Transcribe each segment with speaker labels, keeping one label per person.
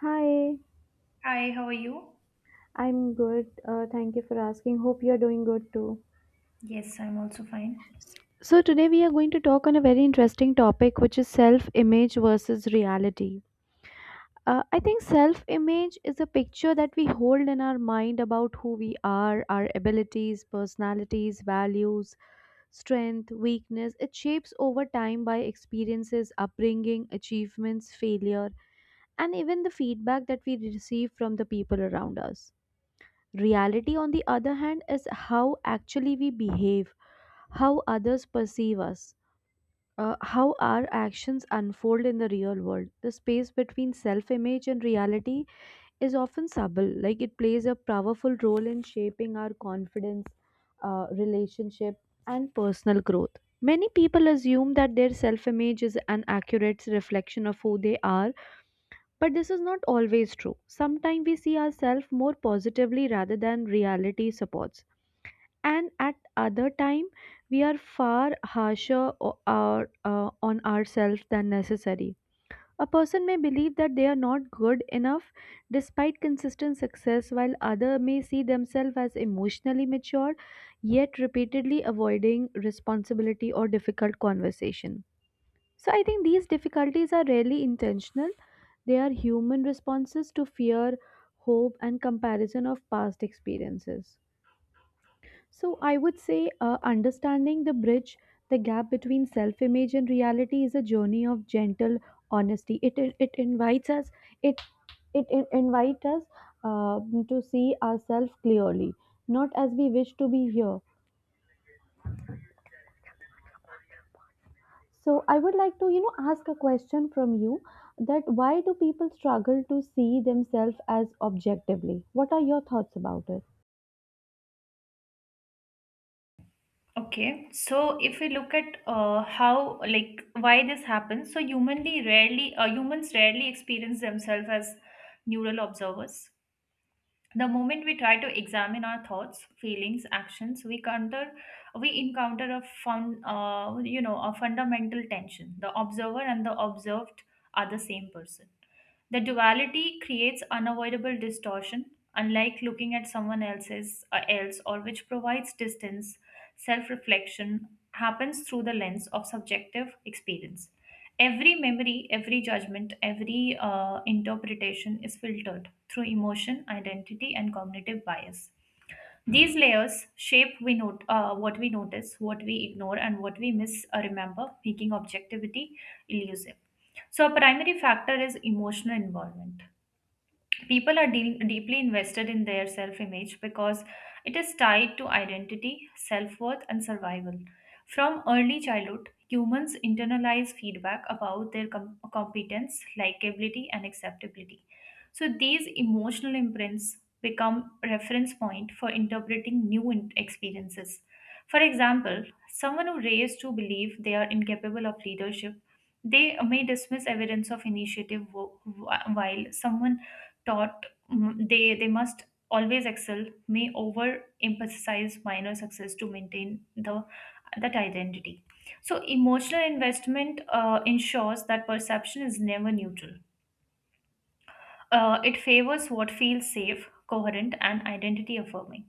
Speaker 1: Hi,
Speaker 2: Hi, how are you?
Speaker 1: I'm good. Thank you for asking. Hope you're doing good too.
Speaker 2: Yes, I'm also fine.
Speaker 1: So, today we are going to talk on a very interesting topic, which is self image versus reality. I think self image is a picture that we hold in our mind about who we are, our abilities, personalities, values, strength, weakness. It shapes over time by experiences, upbringing, achievements, failure, and even the feedback that we receive from the people around us. Reality, on the other hand, is how actually we behave, how others perceive us, how our actions unfold in the real world. The space between self image and reality is often subtle, like it plays a powerful role in shaping our confidence, relationship, and personal growth. Many people assume that their self image is an accurate reflection of who they are, but this is not always true. Sometimes we see ourselves more positively rather than reality supports. And at other time, we are far harsher on ourselves than necessary. A person may believe that they are not good enough despite consistent success, while other may see themselves as emotionally mature, yet repeatedly avoiding responsibility or difficult conversation. So I think these difficulties are rarely intentional. They are human responses to fear, hope, and comparison of past experiences. So I would say understanding the bridge, the gap between self image and reality, is a journey of gentle honesty. It invites us, it, it invites us uh, to see ourselves clearly, not as we wish to be here. So I would like to, you know, ask a question from you: that why do people struggle to see themselves as objectively? What are your thoughts about it?
Speaker 2: Okay, so if we look at how, like, why this happens, so humanly rarely, humans rarely experience themselves as neural observers. The moment we try to examine our thoughts feelings actions we encounter a fun you know a fundamental tension, the observer and the observed are the same person. The duality creates unavoidable distortion. Unlike looking at someone else's else or which provides distance, self reflection happens through the lens of subjective experience. Every memory, every judgment, every interpretation is filtered through emotion, identity, and cognitive bias. These layers shape what we notice, what we ignore, and what we miss or remember, making objectivity elusive. So, a primary factor is emotional involvement. People are deal deeply invested in their self image because it is tied to identity, self worth, and survival. From early childhood, humans internalize feedback about their competence, likability, and acceptability. So these emotional imprints become reference point for interpreting experiences. For example, someone who raised to believe they are incapable of leadership, they may dismiss evidence of initiative while someone taught they must always excel may overemphasize minor success to maintain the that identity. So emotional investment ensures that perception is never neutral. It favors what feels safe, coherent, and identity affirming.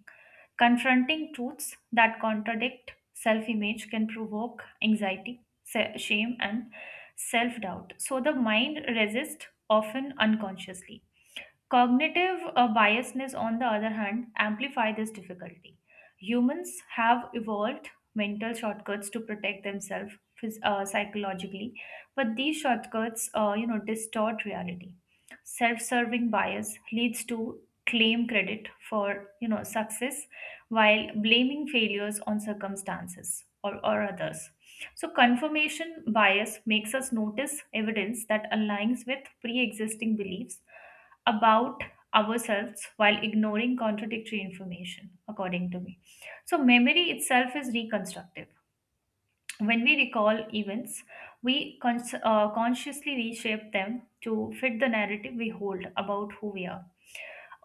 Speaker 2: Confronting truths that contradict self-image can provoke anxiety, shame, and self-doubt, so the mind resists, often unconsciously. Cognitive biasness, on the other hand, amplify this difficulty. Humans have evolved mental shortcuts to protect themselves psychologically, but these shortcuts, distort reality. Self-serving bias leads to claim credit for success while blaming failures on circumstances or others. So, confirmation bias makes us notice evidence that aligns with pre existing beliefs about ourselves while ignoring contradictory information, according to me. So, memory itself is reconstructive. When we recall events, we consciously reshape them to fit the narrative we hold about who we are.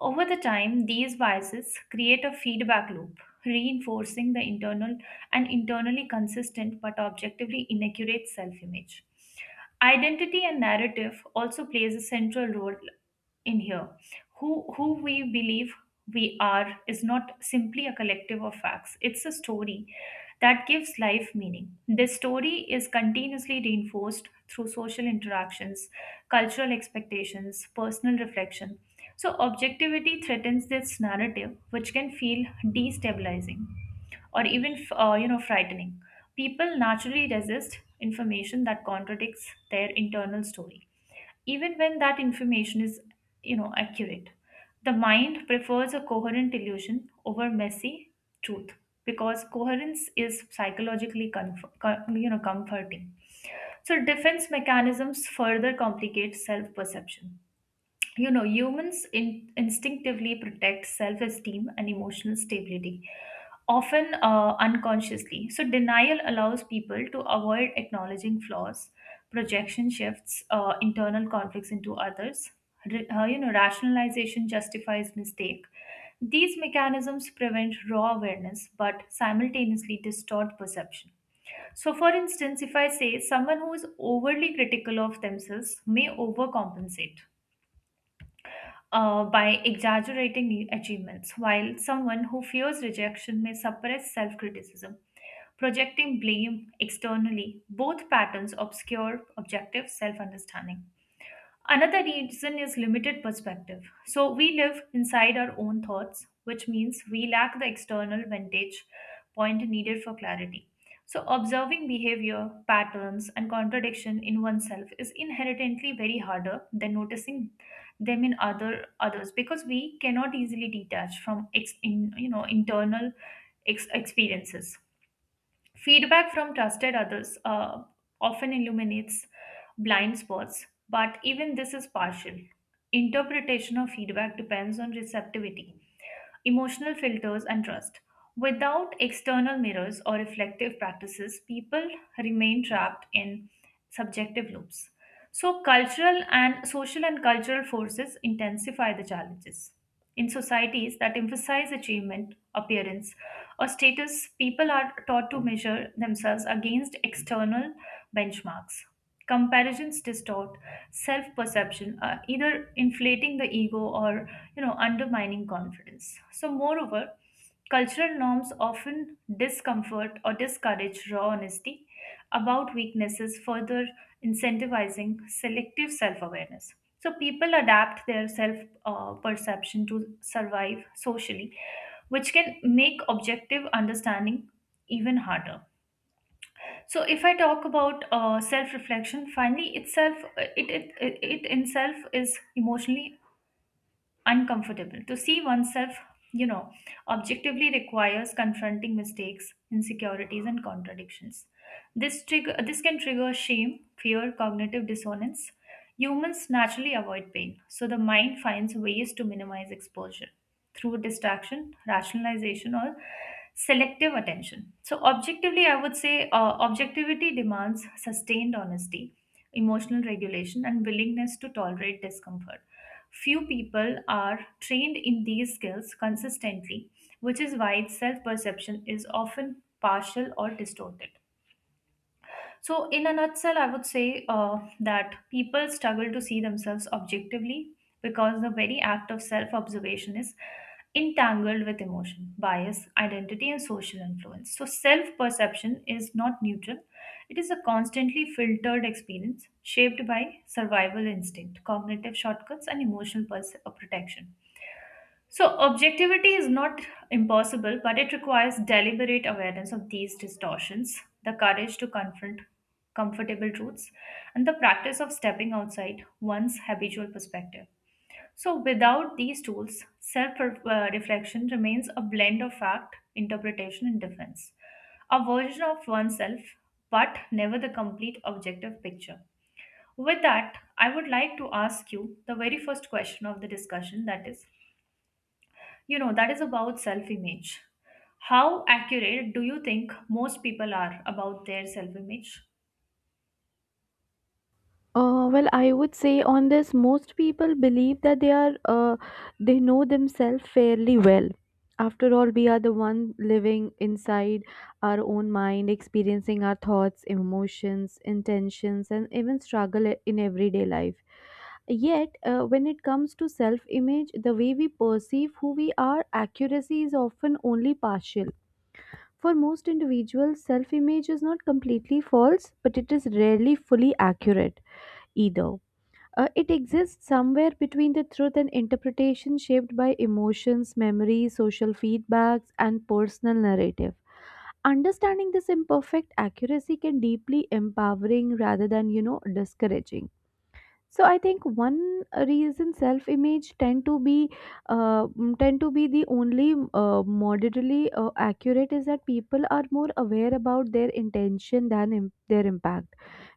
Speaker 2: Over the time, these biases create a feedback loop, reinforcing the internally consistent but objectively inaccurate self image. Identity and narrative also plays a central role in here. Who who we believe we are is not simply a collective of facts, it's a story that gives life meaning. This story is continuously reinforced through social interactions, cultural expectations, personal reflection. So objectivity threatens this narrative, which can feel destabilizing or even frightening. People naturally resist information that contradicts their internal story, even when that information is accurate. The mind prefers a coherent illusion over messy truth, because coherence is psychologically comforting. So defense mechanisms further complicate self perception. Humans instinctively protect self-esteem and emotional stability, often unconsciously. So denial allows people to avoid acknowledging flaws, projection shifts internal conflicts into others, rationalization justifies mistake. These mechanisms prevent raw awareness but simultaneously distort perception. So, for instance, if I say someone who is overly critical of themselves may overcompensate by exaggerating achievements, while someone who fears rejection may suppress self criticism, projecting blame externally. Both patterns obscure objective self understanding. Another reason is limited perspective. So we live inside our own thoughts, which means we lack the external vantage point needed for clarity. So observing behavior, patterns, and contradiction in oneself is inherently very harder than noticing them in other others because we cannot easily detach from ex, in, you know internal experiences. Feedback from trusted others often illuminates blind spots, but even this is partial. Interpretation of feedback depends on receptivity, emotional filters, and trust. Without external mirrors or reflective practices, people remain trapped in subjective loops. So, cultural and social and cultural forces intensify the challenges. In societies that emphasize achievement, appearance, or status, people are taught to measure themselves against external benchmarks. Comparisons distort self perception, either inflating the ego or undermining confidence. So moreover, cultural norms often discomfort or discourage raw honesty about weaknesses, further incentivizing selective self-awareness. So people adapt their self perception to survive socially, which can make objective understanding even harder. So if I talk about self reflection, finally itself it in itself is emotionally uncomfortable. To see oneself, you know, objectively requires confronting mistakes, insecurities, and contradictions. This can trigger shame, fear, cognitive dissonance. Humans naturally avoid pain, so the mind finds ways to minimize exposure through distraction, rationalization, or selective attention. So, objectively, I would say objectivity demands sustained honesty, emotional regulation, and willingness to tolerate discomfort. Few people are trained in these skills consistently, which is why self perception is often partial or distorted. So, in a nutshell, I would say that people struggle to see themselves objectively because the very act of self observation is entangled with emotion, bias, identity, and social influence. So, self perception is not neutral, it is a constantly filtered experience shaped by survival instinct, cognitive shortcuts, and emotional protection. So, objectivity is not impossible, but it requires deliberate awareness of these distortions, the courage to confront comfortable truths, and the practice of stepping outside one's habitual perspective. So, without these tools, self reflection remains a blend of fact, interpretation, and defense, a version of oneself, but never the complete objective picture. With that, I would like to ask you the very first question of the discussion, that is, you know, that is about self image. How accurate do you think most people are about their self image?
Speaker 1: Well, I would say on this, most people believe that they know themselves fairly well. After all, we are the one living inside our own mind, experiencing our thoughts, emotions, intentions, and even struggle in everyday life. Yet, when it comes to self-image, the way we perceive who we are, accuracy is often only partial. For most individuals, self-image is not completely false, but it is rarely fully accurate either. It exists somewhere between the truth and interpretation shaped by emotions, memories, social feedbacks, and personal narrative. Understanding this imperfect accuracy can deeply empowering rather than, you know, discouraging. So I think one reason self-image tend to be the only moderately accurate is that people are more aware about their intention than their impact.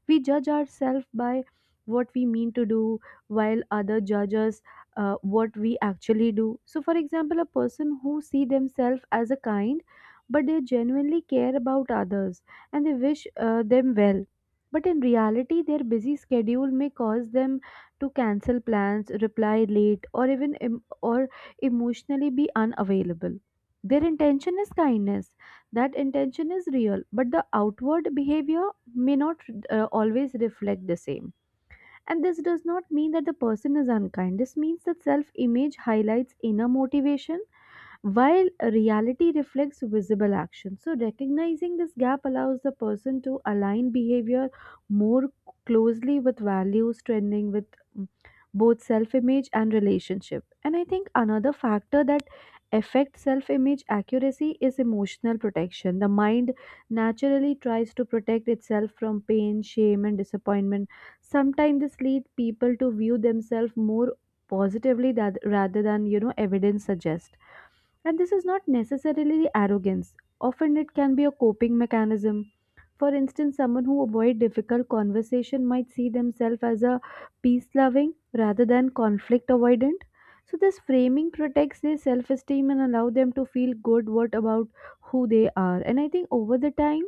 Speaker 1: We judge ourselves by what we mean to do, while other judges what we actually do. So for example, a person who see themselves as a kind, but they genuinely care about others and they wish them well, but in reality their busy schedule may cause them to cancel plans, reply late, or even em- or emotionally be unavailable. Their intention is kindness, that intention is real, but the outward behavior may not always reflect the same. And this does not mean that the person is unkind. This means that self image highlights inner motivation while reality reflects visible action. So, recognizing this gap allows the person to align behavior more closely with values, trending with mm, both self image and relationship. And I think another factor that affects self image accuracy is emotional protection. The mind naturally tries to protect itself from pain, shame, and disappointment. Sometimes this leads people to view themselves more positively that rather than you know evidence suggests, and this is not necessarily arrogance. Often it can be a coping mechanism. For instance, someone who avoid difficult conversation might see themselves as a peace loving rather than conflict avoidant. So this framing protects their self esteem and allow them to feel good what about who they are. And I think over the time,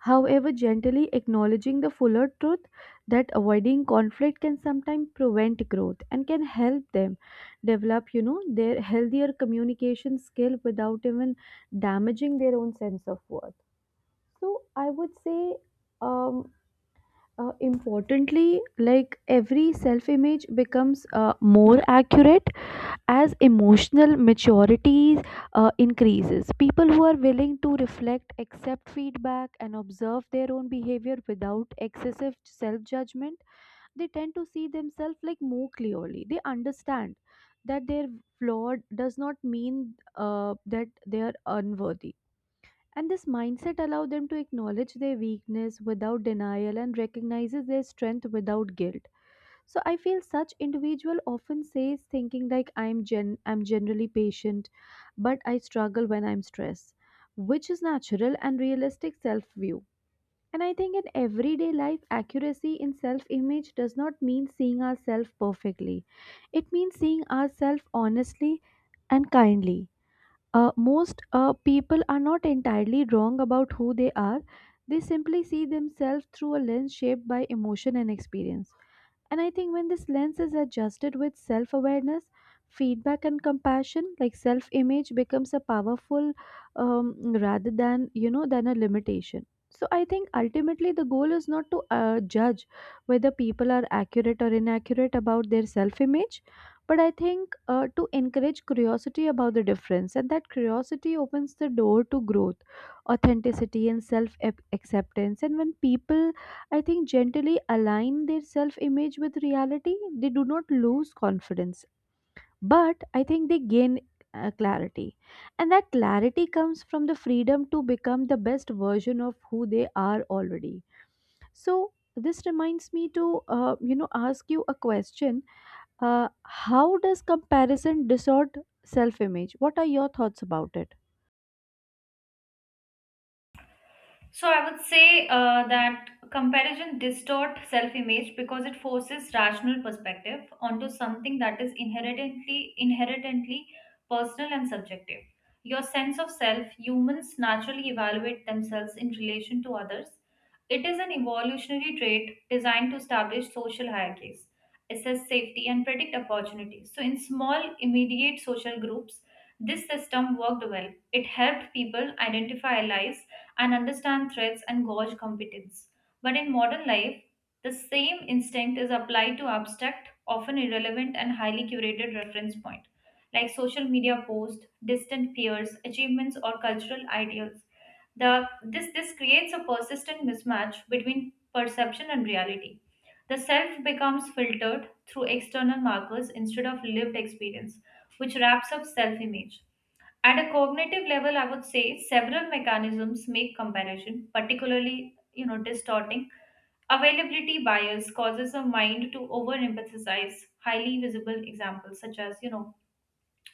Speaker 1: however, gently acknowledging the fuller truth that avoiding conflict can sometimes prevent growth, and can help them develop, you know, their healthier communication skill without even damaging their own sense of worth. So I would say, um, importantly, like every self image becomes more accurate as emotional maturity increases. People who are willing to reflect, accept feedback, and observe their own behavior without excessive self judgment, they tend to see themselves like more clearly. They understand that their flawed does not mean that they are unworthy. And this mindset allows them to acknowledge their weakness without denial and recognizes their strength without guilt. So I feel such individual often says thinking like, I'm gen I'm generally patient but I struggle when I'm stressed, which is natural and realistic self view. And I think in everyday life accuracy in self image does not mean seeing ourselves perfectly, it means seeing ourselves honestly and kindly. Most people are not entirely wrong about who they are, they simply see themselves through a lens shaped by emotion and experience. And I think when this lens is adjusted with self awareness, feedback, and compassion, like self image becomes a powerful um, rather than, you know, than a limitation. So I think ultimately the goal is not to judge whether people are accurate or inaccurate about their self image, but I think to encourage curiosity about the difference. And that curiosity opens the door to growth, authenticity, and self acceptance. And when people, I think, gently align their self image with reality, they do not lose confidence, but I think they gain clarity. And that clarity comes from the freedom to become the best version of who they are already. So, this reminds me to you know, ask you a question. uh, how does comparison distort self image? What are your thoughts about it?
Speaker 2: So I would say that comparison distorts self-image because it forces rational perspective onto something that is inherently personal and subjective. Your sense of self, humans naturally evaluate themselves in relation to others. It is an evolutionary trait designed to establish social hierarchies, assess safety, and predict opportunities. So in small, immediate social groups, this system worked well. It helped people identify allies and understand threats and gauge competence. But in modern life, the same instinct is applied to abstract, often irrelevant, and highly curated reference point, like social media posts, distant peers, achievements, or cultural ideals. This creates a persistent mismatch between perception and reality. The self becomes filtered through external markers instead of lived experience, which wraps up self image. At a cognitive level, I would say several mechanisms make comparison, particularly distorting. Availability bias causes a mind to over-emphasize highly visible examples such as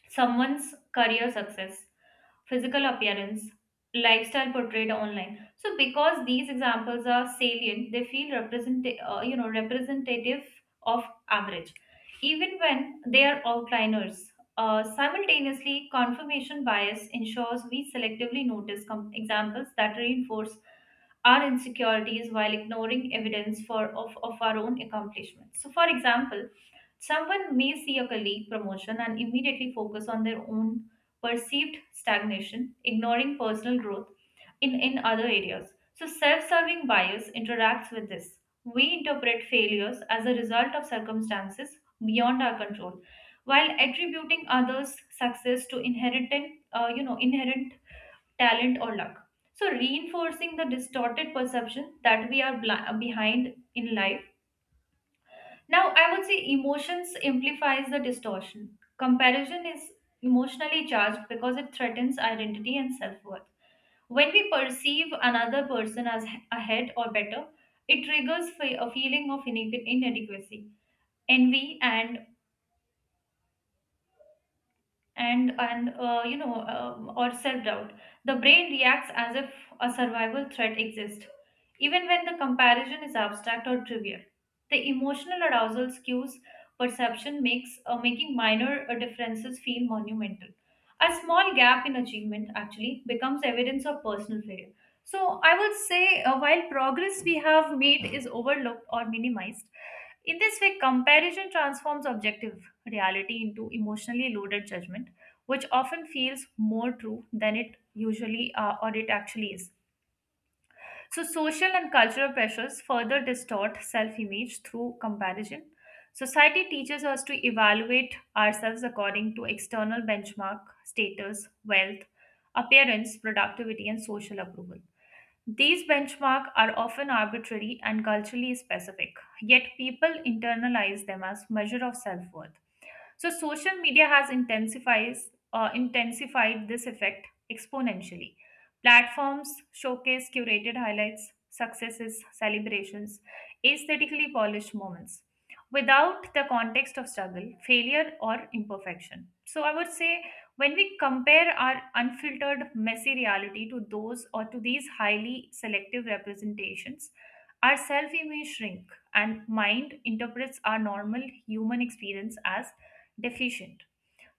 Speaker 2: someone's career success, physical appearance, lifestyle portrayed online. So because these examples are salient, they feel representative of average, even when they are outliners. Simultaneously, confirmation bias ensures we selectively notice examples that reinforce our insecurities while ignoring evidence of our own accomplishments. So, for example, someone may see a colleague promotion and immediately focus on their own perceived stagnation, ignoring personal growth in other areas. So, self serving bias interacts with this. We interpret failures as a result of circumstances beyond our control, while attributing others' success to inherent talent or luck. So, reinforcing the distorted perception that we are behind in life. Now, I would say emotions amplifies the distortion. Comparison is emotionally charged because it threatens identity and self worth. When we perceive another person as ahead or better, it triggers a feeling of inadequacy, envy, and you know or self doubt. The brain reacts as if a survival threat exists, even when the comparison is abstract or trivial. The emotional arousal skews perception, makes making minor differences feel monumental. A small gap in achievement actually becomes evidence of personal failure. So I would say while progress we have made is overlooked or minimized. In this way, comparison transforms objective reality into emotionally loaded judgment, which often feels more true than it usually or it actually is. So, social and cultural pressures further distort self image through comparison. Society teaches us to evaluate ourselves according to external benchmark, status, wealth, appearance, productivity, and social approval. These benchmarks are often arbitrary and culturally specific, yet people internalize them as measure of self-worth. So social media has intensifies intensified this effect exponentially. Platforms showcase curated highlights, successes, celebrations, aesthetically polished moments without the context of struggle, failure or imperfection. So I would say when we compare our unfiltered messy reality to those or to these highly selective representations, our self image shrink and mind interprets our normal human experience as deficient.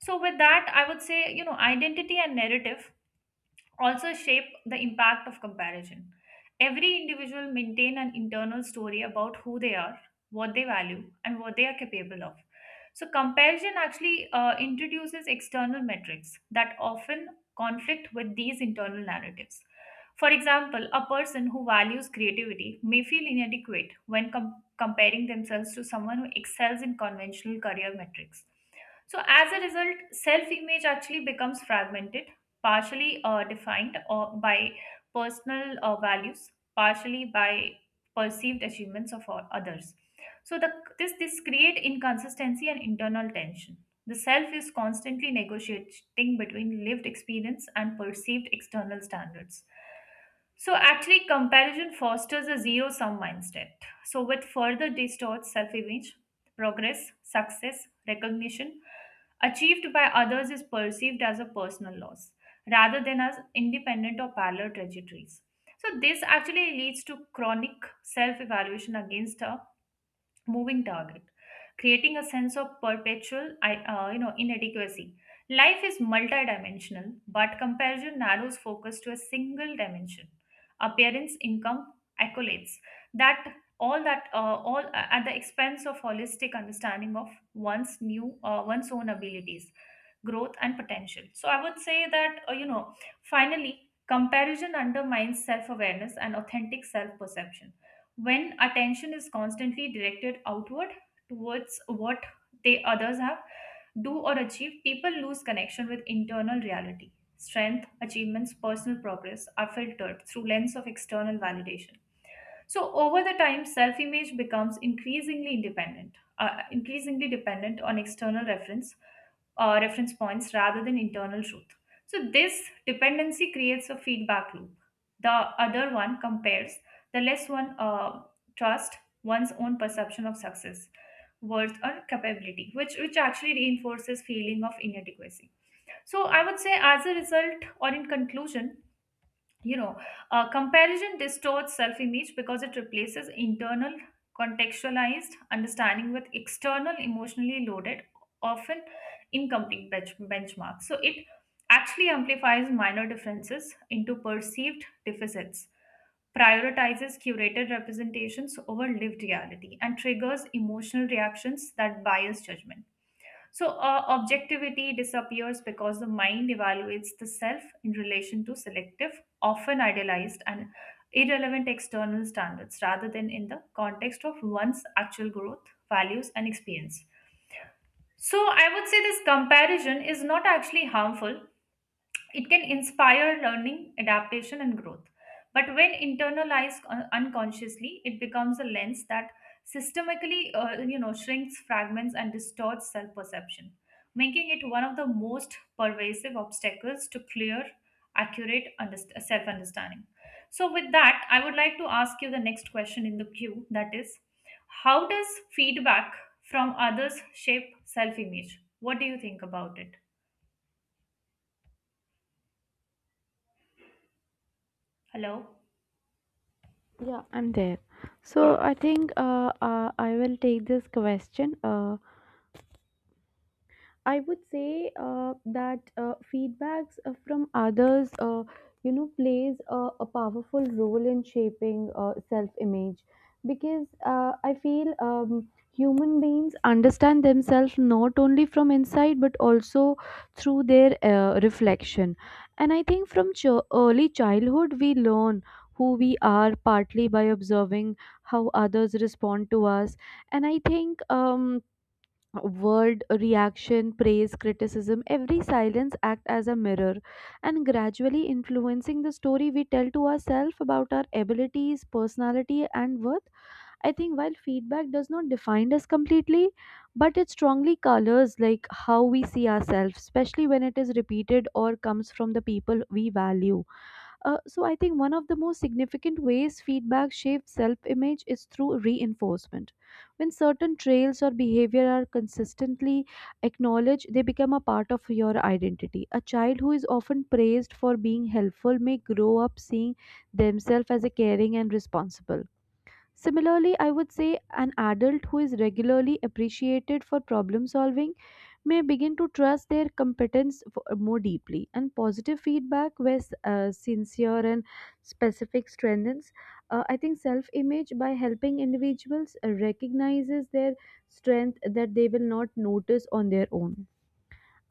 Speaker 2: So with that I would say, you know, identity and narrative also shape the impact of comparison. Every individual maintain an internal story about who they are, what they value, and what they are capable of. So comparison actually introduces external metrics that often conflict with these internal narratives. For example, a person who values creativity may feel inadequate when comparing themselves to someone who excels in conventional career metrics. So, as a result, self image actually becomes fragmented partially defined by personal values, partially by perceived achievements of others. So the, this create inconsistency and internal tension. The self is constantly negotiating between lived experience and perceived external standards. So actually, comparison fosters a zero-sum mindset, so with further distorts self-image. Progress, success, recognition achieved by others is perceived as a personal loss rather than as independent or parallel trajectories. So, this actually leads to chronic self evaluation against a moving target, creating a sense of perpetual inadequacy. Life is multidimensional, but comparison narrows focus to a single dimension: appearance, income, accolades, that that all at the expense of holistic understanding of one's own abilities, growth, and potential. So I would say that finally, comparison undermines self awareness and authentic self perception. When attention is constantly directed outward towards what they others have, do, or achieve, people lose connection with internal reality. Strength, achievements, personal progress are filtered through lens of external validation. So over the time, self-image becomes increasingly increasingly dependent on external reference points rather than internal truth. So this dependency creates a feedback loop. The other one compares, the less one trust one's own perception of success, worth, or capability, which actually reinforces feeling of inadequacy. So I would say, as a result, or in conclusion, you know comparison distorts self-image because it replaces internal contextualized understanding with external, emotionally loaded, often incomplete benchmarks. So it actually amplifies minor differences into perceived deficits, prioritizes curated representations over lived reality, and triggers emotional reactions that bias judgment. So, objectivity disappears because the mind evaluates the self in relation to selective, often idealized, and irrelevant external standards rather than in the context of one's actual growth, values, and experience. So, I would say this comparison is not actually harmful, it can inspire learning, adaptation, and growth. But when internalized unconsciously, it becomes a lens that systemically, shrinks, fragments, and distorts self-perception, making it one of the most pervasive obstacles to clear, accurate self-understanding. So, with that, I would like to ask you the next question in the queue. That is, how does feedback from others shape self-image? What do you think about it? Hello.
Speaker 1: Yeah, I'm there. So
Speaker 2: Yeah.
Speaker 1: I think I will take this question. I would say that feedbacks from others, you know, plays a powerful role in shaping self-image because I feel human beings understand themselves not only from inside but also through their reflection. And I think from early childhood we learn who we are partly by observing how others respond to us. And I think. Word reaction, praise, criticism, every silence act as a mirror, and gradually influencing the story we tell to ourselves about our abilities, personality, and worth. I think while feedback does not define us completely, but it strongly colors like how we see ourselves, especially when it is repeated or comes from the people we value. So I think one of the most significant ways feedback shapes self-image is through reinforcement. When certain traits or behavior are consistently acknowledged, they become a part of your identity. A child who is often praised for being helpful may grow up seeing themselves as a caring and responsible. Similarly, I would say an adult who is regularly appreciated for problem solving may begin to trust their competence more deeply, and positive feedback where sincere and specific strengthens I think self image by helping individuals recognizes their strength that they will not notice on their own.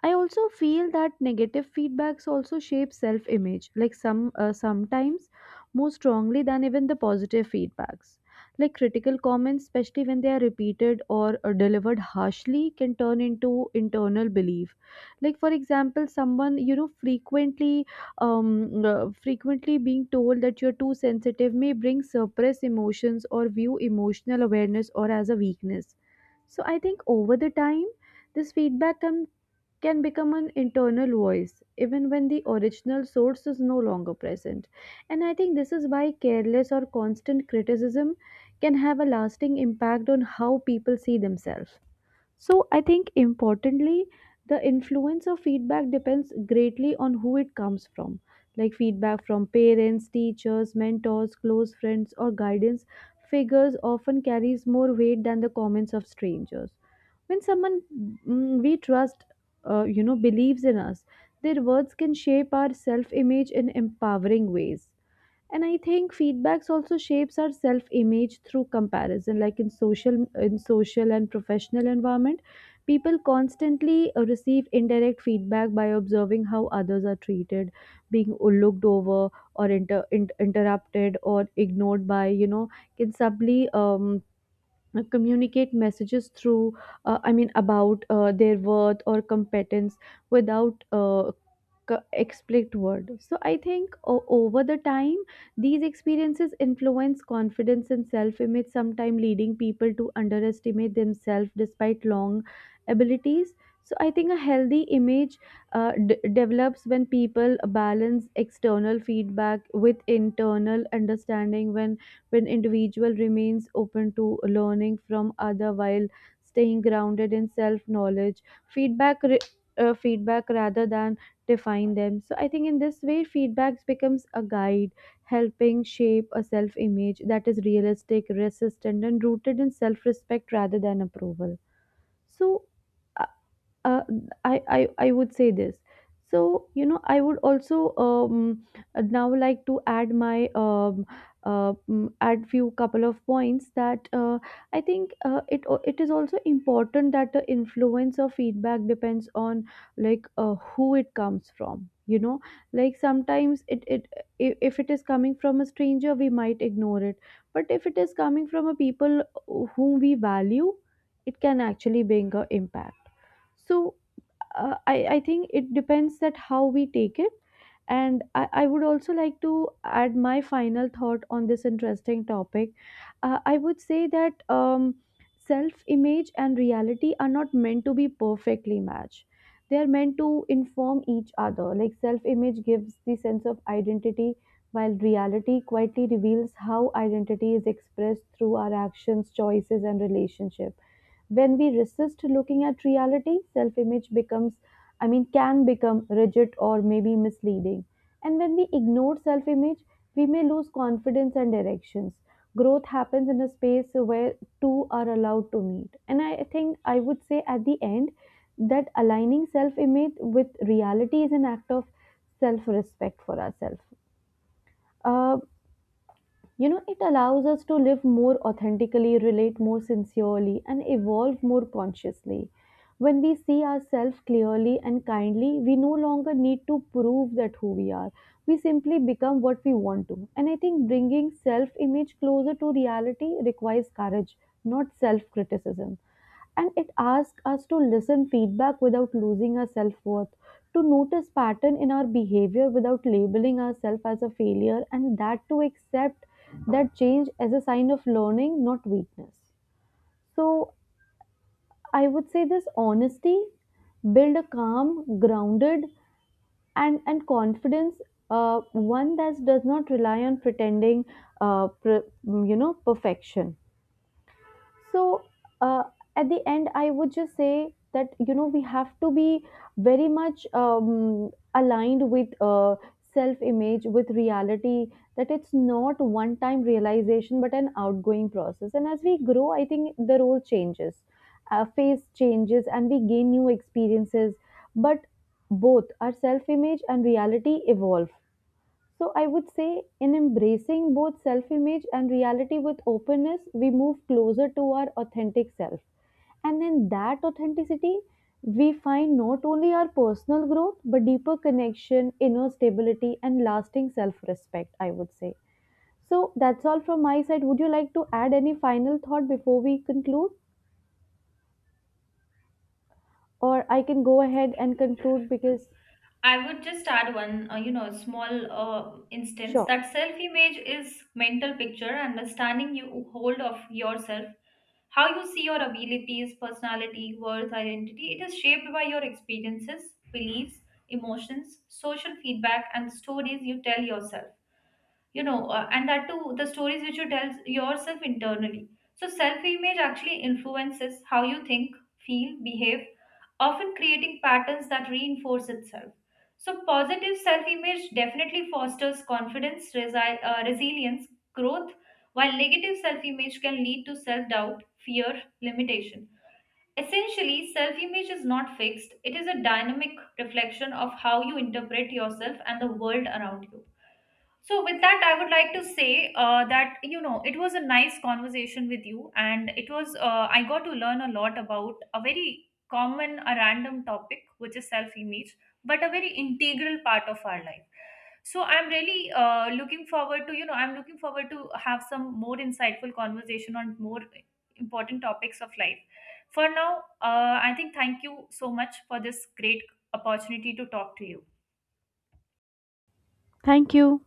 Speaker 1: I also feel that negative feedbacks also shape self-image, like sometimes more strongly than even the positive feedbacks. Like critical comments, especially when they are repeated or delivered harshly, can turn into internal belief. Like for example, someone you know frequently, frequently being told that you're too sensitive may bring suppress emotions or view emotional awareness or as a weakness. So I think over the time this feedback can become an internal voice even when the original source is no longer present. And I think this is why careless or constant criticism can have a lasting impact on how people see themselves. So I think importantly, the influence of feedback depends greatly on who it comes from. Like feedback from parents, teachers, mentors, close friends, or guidance figures often carries more weight than the comments of strangers. When someone we trust, you know, believes in us, their words can shape our self-image in empowering ways. And I think feedbacks also shapes our self image through comparison, like in social, and professional environment, people constantly receive indirect feedback by observing how others are treated. Being looked over or interrupted or ignored by you know, can subtly communicate messages through about their worth or competence without explicit word. So I think over the time, these experiences influence confidence and self image, sometimes leading people to underestimate themselves despite long abilities. So I think a healthy image develops when people balance external feedback with internal understanding. When individual remains open to learning from other while staying grounded in self knowledge, feedback re- feedback rather than define them. So I think in this way, feedbacks becomes a guide, helping shape a self-image that is realistic, resistant, and rooted in self-respect rather than approval. So uh, I would say this. So you know, I would also now like to add my add few couple of points that I think it is also important that the influence of feedback depends on like who it comes from. You know, like sometimes it it I- if it is coming from a stranger, we might ignore it. But if it is coming from a people whom we value, it can actually bring a impact. So I think it depends that how we take it. And I would also like to add my final thought on this interesting topic. I would say that self image and reality are not meant to be perfectly matched. They are meant to inform each other. Like self image gives the sense of identity, while reality quietly reveals how identity is expressed through our actions, choices, and relationships. When we resist looking at reality, self image becomes, I mean, can become rigid or maybe misleading. And when we ignore self image, we may lose confidence and directions. Growth happens in a space where two are allowed to meet. And I think I would say at the end that aligning self image with reality is an act of self respect for ourselves. Uh, you know, it allows us to live more authentically, relate more sincerely, and evolve more consciously. When we see ourselves clearly and kindly, we no longer need to prove that who we are. We simply become what we want to. And I think bringing self image closer to reality requires courage, not self criticism, and it asks us to listen feedback without losing our self-worth, to notice pattern in our behavior without labeling ourselves as a failure, and that to accept that change as a sign of learning, not weakness. So I would say this honesty build a calm, grounded, and confidence. One that does not rely on pretending, uh, pre- you know, perfection. So uh, at the end, I would just say that you know we have to be very much aligned with self-image, with reality. That it's not one-time realization, but an outgoing process. And as we grow, I think the role changes, phase changes, and we gain new experiences. But both our self-image and reality evolve. So I would say in embracing both self image and reality with openness, we move closer to our authentic self. And in that authenticity, we find not only our personal growth, but deeper connection, inner stability, and lasting self respect, I would say. So that's all from my side. Would you like to add any final thought before we conclude? Or I can go ahead and conclude because,
Speaker 2: I would just add one, small instance
Speaker 1: sure.
Speaker 2: that self image is mental picture, understanding you hold of yourself, how you see your abilities, personality, worth, identity. It is shaped by your experiences, beliefs, emotions, social feedback, and stories you tell yourself, and that too the stories which you tell yourself internally. So self image actually influences how you think, feel, behave, often creating patterns that reinforce itself. So positive self image definitely fosters confidence, resilience, growth, while negative self image can lead to self doubt, fear, limitation. Essentially self image is not fixed, it is a dynamic reflection of how you interpret yourself and the world around you. So, with that, I would like to say that, you know, it was a nice conversation with you, and it was, I got to learn a lot about a very common, a random topic, which is self image, but a very integral part of our life. So, I'm really looking forward to, you know, I'm looking forward to have some more insightful conversation on more important topics of life. For now, I think thank you so much for this great opportunity to talk to you.
Speaker 1: Thank you.